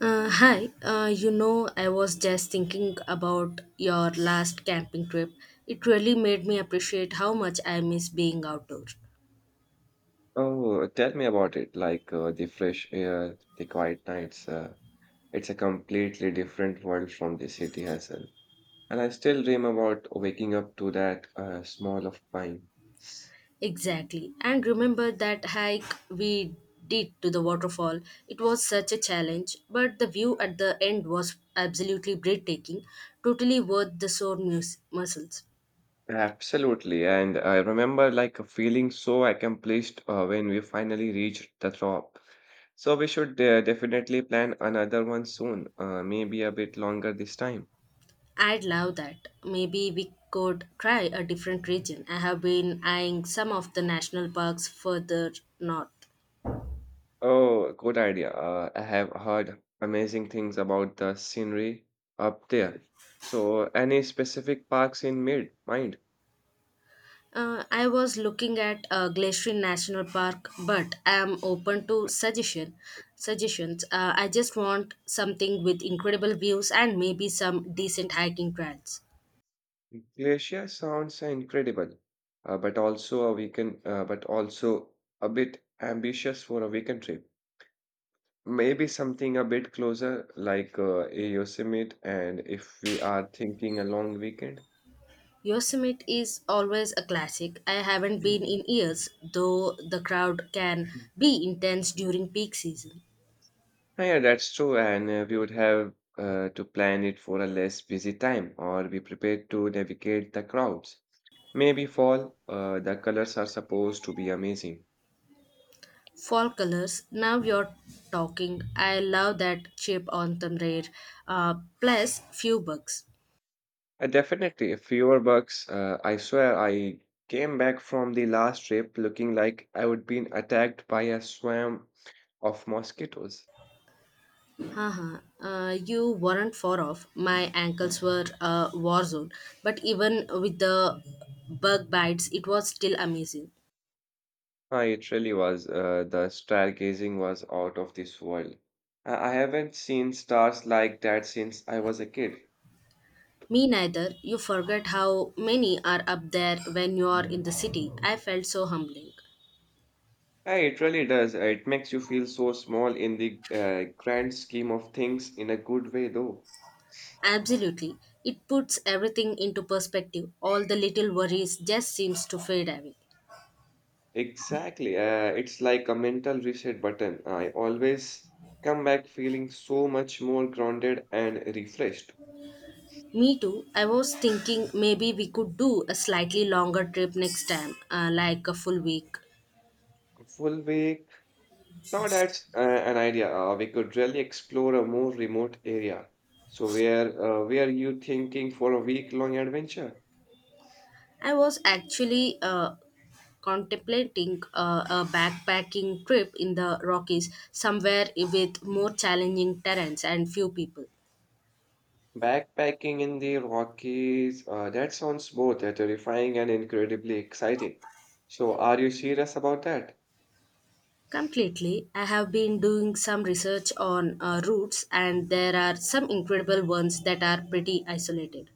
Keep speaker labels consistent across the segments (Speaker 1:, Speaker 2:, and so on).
Speaker 1: Hi, I was just thinking about your last camping trip. It really made me appreciate how much I miss being outdoors.
Speaker 2: Oh, tell me about it. Like the fresh air, the quiet nights. It's a completely different world from the city hustle. And I still dream about waking up to that smell of pine.
Speaker 1: Exactly. And remember that hike we did to the waterfall? It was such a challenge, but the view at the end was absolutely breathtaking, totally worth the muscles.
Speaker 2: Absolutely. And I remember like feeling so accomplished when we finally reached the top. So we should definitely plan another one soon, maybe a bit longer this time.
Speaker 1: I'd love that. Maybe we could try a different region. I have been eyeing some of the national parks further north.
Speaker 2: Oh, good idea. I have heard amazing things about the scenery up there. So, any specific parks in mid mind?
Speaker 1: I was looking at Glacier National Park, but I am open to suggestions. I just want something with incredible views and maybe some decent hiking trails.
Speaker 2: Glacier sounds incredible, but also a bit ambitious for a weekend trip. Maybe something a bit closer, like a Yosemite, and if we are thinking a long weekend.
Speaker 1: Yosemite is always a classic. I haven't been in years, though the crowd can be intense during peak season.
Speaker 2: Oh, yeah, that's true. And we would have to plan it for a less busy time or be prepared to navigate the crowds. Maybe fall, the colors are supposed to be amazing.
Speaker 1: Fall colors. Now you're talking. I love that chip on the rare. Uh, plus few bugs.
Speaker 2: Definitely, fewer bugs. I swear, I came back from the last trip looking like I would been attacked by a swarm of mosquitoes.
Speaker 1: Haha, you weren't far off. My ankles were a war zone. But even with the bug bites, it was still amazing.
Speaker 2: It really was. The stargazing was out of this world. I haven't seen stars like that since I was a kid.
Speaker 1: Me neither. You forget how many are up there when you are in the city. I felt so humbling.
Speaker 2: Yeah, it really does. It makes you feel so small in the grand scheme of things, in a good way, though.
Speaker 1: Absolutely. It puts everything into perspective. All the little worries just seems to fade away.
Speaker 2: Exactly. It's like a mental reset button. I always come back feeling so much more grounded and refreshed.
Speaker 1: Me too. I was thinking maybe we could do a slightly longer trip next time, like a full week.
Speaker 2: Full week. Now that's an idea. We could really explore a more remote area. So where you thinking for a week long adventure?
Speaker 1: I was actually contemplating a backpacking trip in the Rockies, somewhere with more challenging terrains and few people.
Speaker 2: Backpacking in the Rockies, that sounds both terrifying and incredibly exciting. So, are you serious about that?
Speaker 1: Completely, I have been doing some research on routes, and there are some incredible ones that are pretty isolated.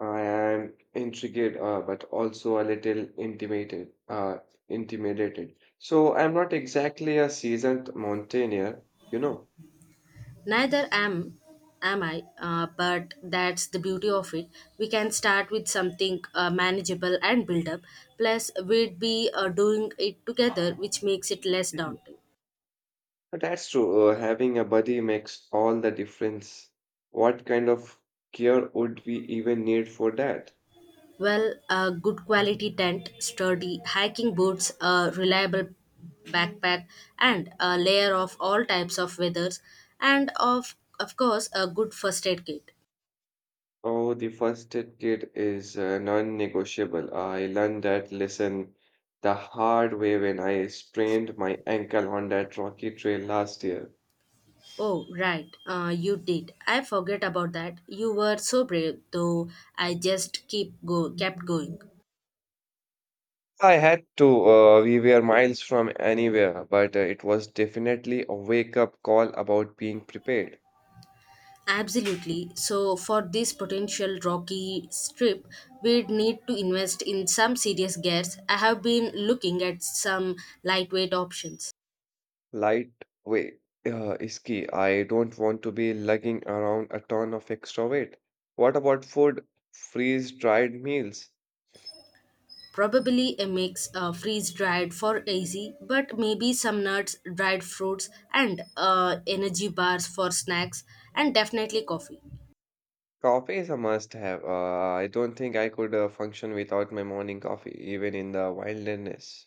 Speaker 2: I am intrigued, but also a little intimidated. So, I'm not exactly a seasoned mountaineer, you know.
Speaker 1: Neither am I, but that's the beauty of it. We can start with something manageable and build up. Plus, we'd be doing it together, which makes it less
Speaker 2: Mhm.
Speaker 1: daunting.
Speaker 2: But that's true. Having a buddy makes all the difference. What kind of gear would we even need for that?
Speaker 1: Well, a good quality tent, sturdy hiking boots, a reliable backpack, and a layer of all types of weathers, and of course a good first aid kit.
Speaker 2: Oh, the first aid kit is non-negotiable. I learned that lesson the hard way when I sprained my ankle on that rocky trail last year.
Speaker 1: Oh, right, you did. I forget about that. You were so brave, though. I just keep go kept going.
Speaker 2: I had to. We were miles from anywhere, but it was definitely a wake-up call about being prepared.
Speaker 1: Absolutely. So, for this potential rocky strip, we'd need to invest in some serious gears. I have been looking at some lightweight options.
Speaker 2: Lightweight is key. I don't want to be lugging around a ton of extra weight. What about food? Freeze-dried meals.
Speaker 1: Probably a mix freeze dried for easy, but maybe some nuts, dried fruits, and energy bars for snacks, and definitely coffee.
Speaker 2: Coffee is a must have. I don't think I could function without my morning coffee, even in the wilderness.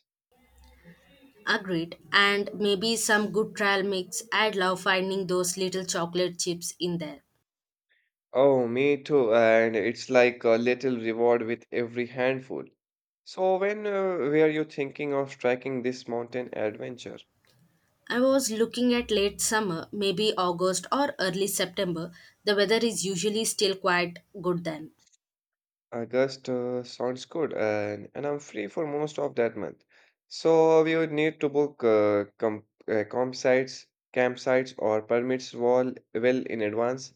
Speaker 1: Agreed. And maybe some good trail mix. I'd love finding those little chocolate chips in there.
Speaker 2: Oh, me too. And it's like a little reward with every handful. So, when were you thinking of striking this mountain adventure?
Speaker 1: I was looking at late summer, maybe August or early September. The weather is usually still quite good then.
Speaker 2: August sounds good, and I'm free for most of that month. So, we would need to book campsites, or permits wall well in advance,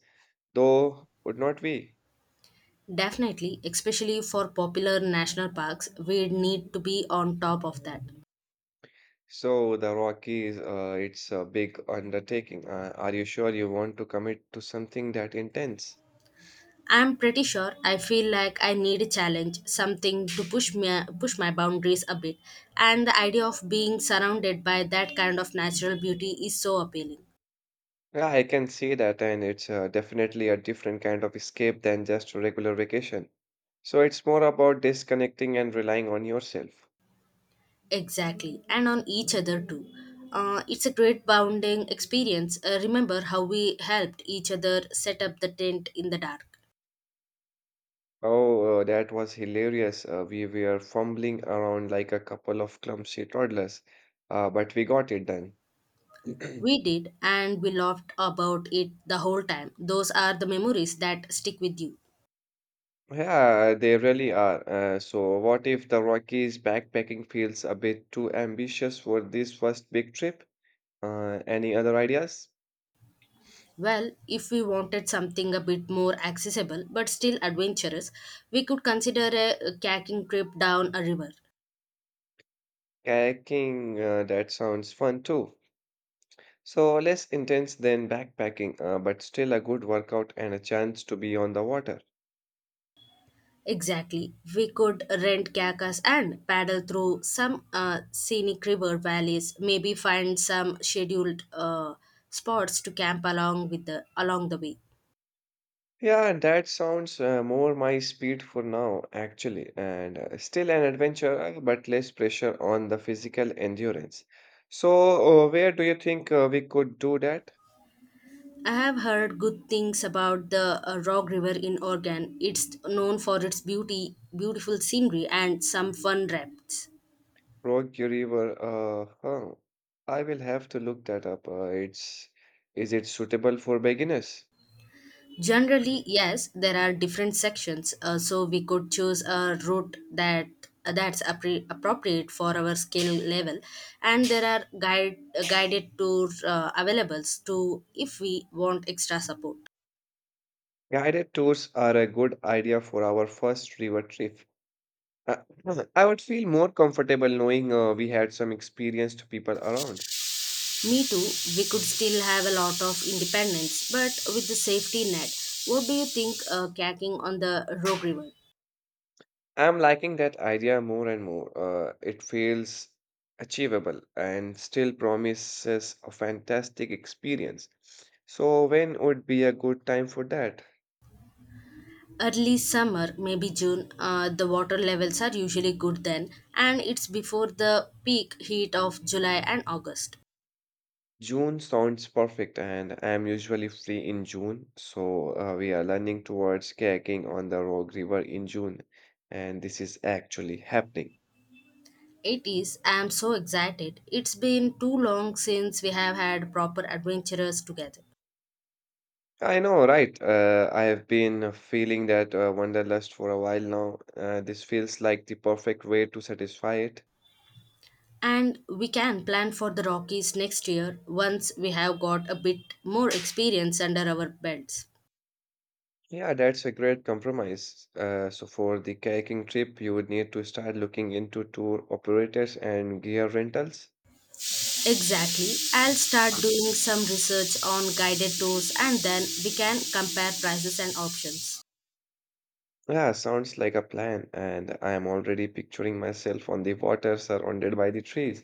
Speaker 2: though would not we?
Speaker 1: Definitely, especially for popular national parks, we need to be on top of that.
Speaker 2: So the Rockies, it's a big undertaking. Are you sure you want to commit to something that intense?
Speaker 1: I'm pretty sure I feel like I need a challenge, something to push my boundaries a bit. And the idea of being surrounded by that kind of natural beauty is so appealing.
Speaker 2: Yeah, I can see that, and it's definitely a different kind of escape than just a regular vacation. So it's more about disconnecting and relying on yourself.
Speaker 1: Exactly, and on each other too. It's a great bonding experience. Remember how we helped each other set up the tent in the dark.
Speaker 2: Oh, that was hilarious. We were fumbling around like a couple of clumsy toddlers, but we got it done.
Speaker 1: We did, and we laughed about it the whole time. Those are the memories that stick with you.
Speaker 2: Yeah, they really are. So, what if the Rockies backpacking feels a bit too ambitious for this first big trip? Any other ideas?
Speaker 1: Well, if we wanted something a bit more accessible but still adventurous, we could consider a kayaking trip down a river.
Speaker 2: Kayaking, that sounds fun too. So, less intense than backpacking, but still a good workout and a chance to be on the water.
Speaker 1: Exactly. We could rent kayaks and paddle through some scenic river valleys, maybe find some scheduled spots to camp along the way.
Speaker 2: Yeah, that sounds more my speed for now, actually, and still an adventure, but less pressure on the physical endurance. So, where do you think we could do that?
Speaker 1: I have heard good things about the Rock River in Oregon. It's known for its beautiful scenery and some fun rafts.
Speaker 2: Rogue River, huh. I will have to look that up. It's is it suitable for beginners?
Speaker 1: Generally, yes, there are different sections, so we could choose a route that's appropriate for our skill level, and there are guided tours available to if we want extra support.
Speaker 2: Guided tours are a good idea for our first river trip. Uh, I would feel more comfortable knowing we had some experienced people around.
Speaker 1: Me too. We could still have a lot of independence, but with the safety net. What do you think, kayaking on the Rogue River?
Speaker 2: I'm liking that idea more and more. It feels achievable and still promises a fantastic experience. So when would be a good time for that?
Speaker 1: Early summer, maybe June, the water levels are usually good then, and it's before the peak heat of July and August.
Speaker 2: June sounds perfect, and I'm usually free in June, so we are learning towards kayaking on the Rogue River in June, and this is actually happening.
Speaker 1: It is. I am so excited. It's been too long since we have had proper adventures together.
Speaker 2: I know, right? I have been feeling that wanderlust for a while now. This feels like the perfect way to satisfy it.
Speaker 1: And we can plan for the Rockies next year once we have got a bit more experience under our belts.
Speaker 2: Yeah, that's a great compromise. So for the kayaking trip, you would need to start looking into tour operators and gear rentals.
Speaker 1: Exactly. I'll start doing some research on guided tours, and then we can compare prices and options.
Speaker 2: Yeah, sounds like a plan, and I am already picturing myself on the water surrounded by the trees.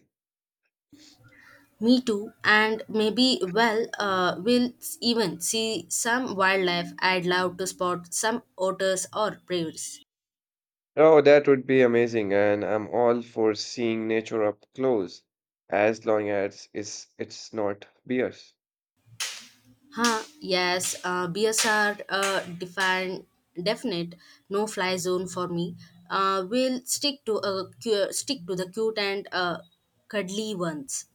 Speaker 1: Me too, and maybe even see some wildlife. I'd love to spot some otters or bears.
Speaker 2: Oh, that would be amazing, and I'm all for seeing nature up close, as long as it's not bears.
Speaker 1: Huh, yes, bears are definite no-fly zone for me. We'll stick to a cu- Stick to the cute and cuddly ones.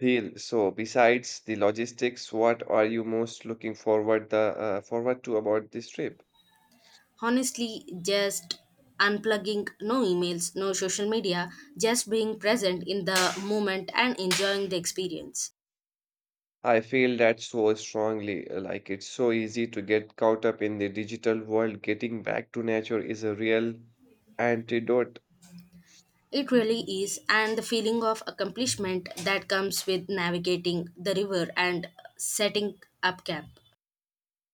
Speaker 2: Deal. So, besides the logistics, what are you most looking forward the forward to about this trip?
Speaker 1: Honestly, just unplugging, no emails, no social media, just being present in the moment and enjoying the experience.
Speaker 2: I feel that so strongly. Like it's so easy to get caught up in the digital world. Getting back to nature is a real antidote.
Speaker 1: It really is, and the feeling of accomplishment that comes with navigating the river and setting up camp.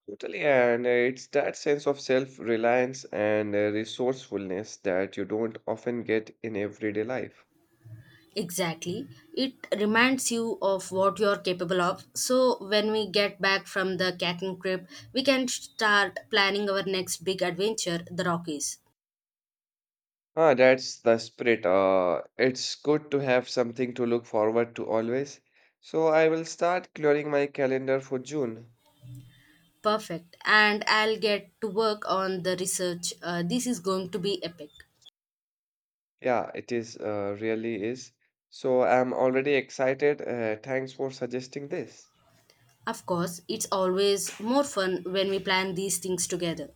Speaker 2: Totally, and it's that sense of self-reliance and resourcefulness that you don't often get in everyday life.
Speaker 1: Exactly. It reminds you of what you're capable of. So, when we get back from the kayaking trip, we can start planning our next big adventure, the Rockies.
Speaker 2: Ah, that's the spirit. It's good to have something to look forward to always. So I will start clearing my calendar for June.
Speaker 1: Perfect. And I'll get to work on the research. This is going to be epic.
Speaker 2: Yeah, it really is. So I'm already excited. Thanks for suggesting this.
Speaker 1: Of course, it's always more fun when we plan these things together.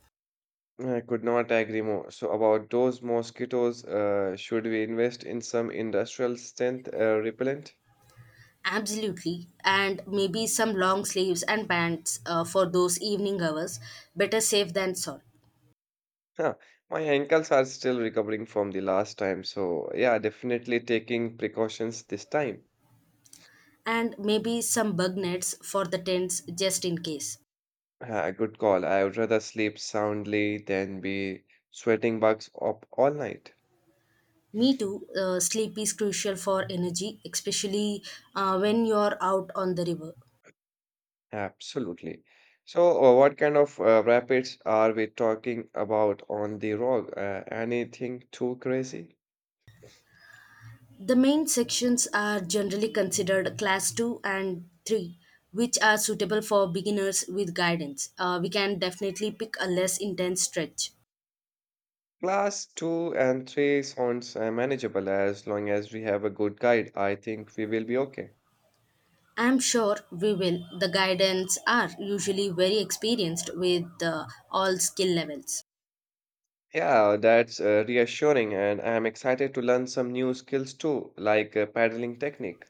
Speaker 2: I could not agree more. So about those mosquitoes, should we invest in some industrial strength repellent?
Speaker 1: Absolutely, and maybe some long sleeves and pants for those evening hours. Better safe than sorry.
Speaker 2: Huh. My ankles are still recovering from the last time, so yeah, definitely taking precautions this time.
Speaker 1: And maybe some bug nets for the tents just in case.
Speaker 2: Ah, good call. I would rather sleep soundly than be sweating bugs up all night.
Speaker 1: Me too, sleep is crucial for energy, especially when you're out on the river.
Speaker 2: Absolutely. So, what kind of rapids are we talking about on the rock? Anything too crazy?
Speaker 1: The main sections are generally considered class 2 and 3, which are suitable for beginners with guidance. We can definitely pick a less intense stretch.
Speaker 2: Class 2 and 3 sounds manageable as long as we have a good guide. I think we will be okay.
Speaker 1: I'm sure we will. The guidance are usually very experienced with all skill levels.
Speaker 2: Yeah, that's reassuring, and I'm excited to learn some new skills too, like paddling technique.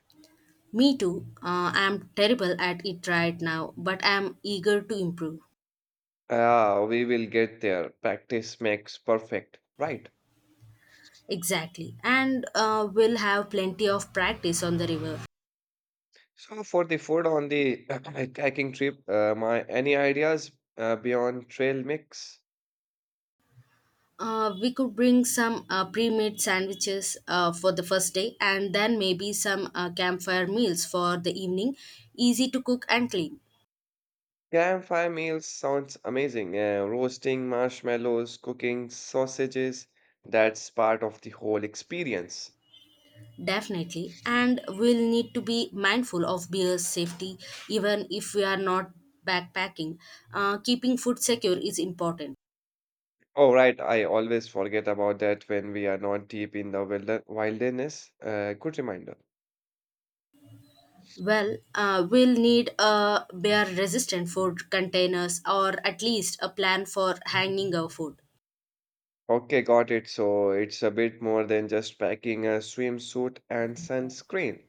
Speaker 1: Me too. I'm terrible at it right now, but I'm eager to improve.
Speaker 2: Ah, we will get there. Practice makes perfect, right?
Speaker 1: Exactly. And we'll have plenty of practice on the river.
Speaker 2: So for the food on the hiking trip, my any ideas beyond trail mix?
Speaker 1: We could bring some pre-made sandwiches for the first day, and then maybe some campfire meals for the evening. Easy to cook and clean.
Speaker 2: Campfire meals sounds amazing. Roasting marshmallows, cooking sausages, that's part of the whole experience.
Speaker 1: Definitely. And we'll need to be mindful of beer's safety even if we are not backpacking. Keeping food secure is important.
Speaker 2: Oh, right, I always forget about that when we are not deep in the wilderness. Good reminder.
Speaker 1: Well, we'll need a bear resistant food containers, or at least a plan for hanging our food.
Speaker 2: Okay, got it. So it's a bit more than just packing a swimsuit and sunscreen.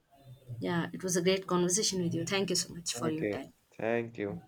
Speaker 1: Yeah, it was a great conversation with you. Thank you so much for your
Speaker 2: Okay,
Speaker 1: time.
Speaker 2: thank you.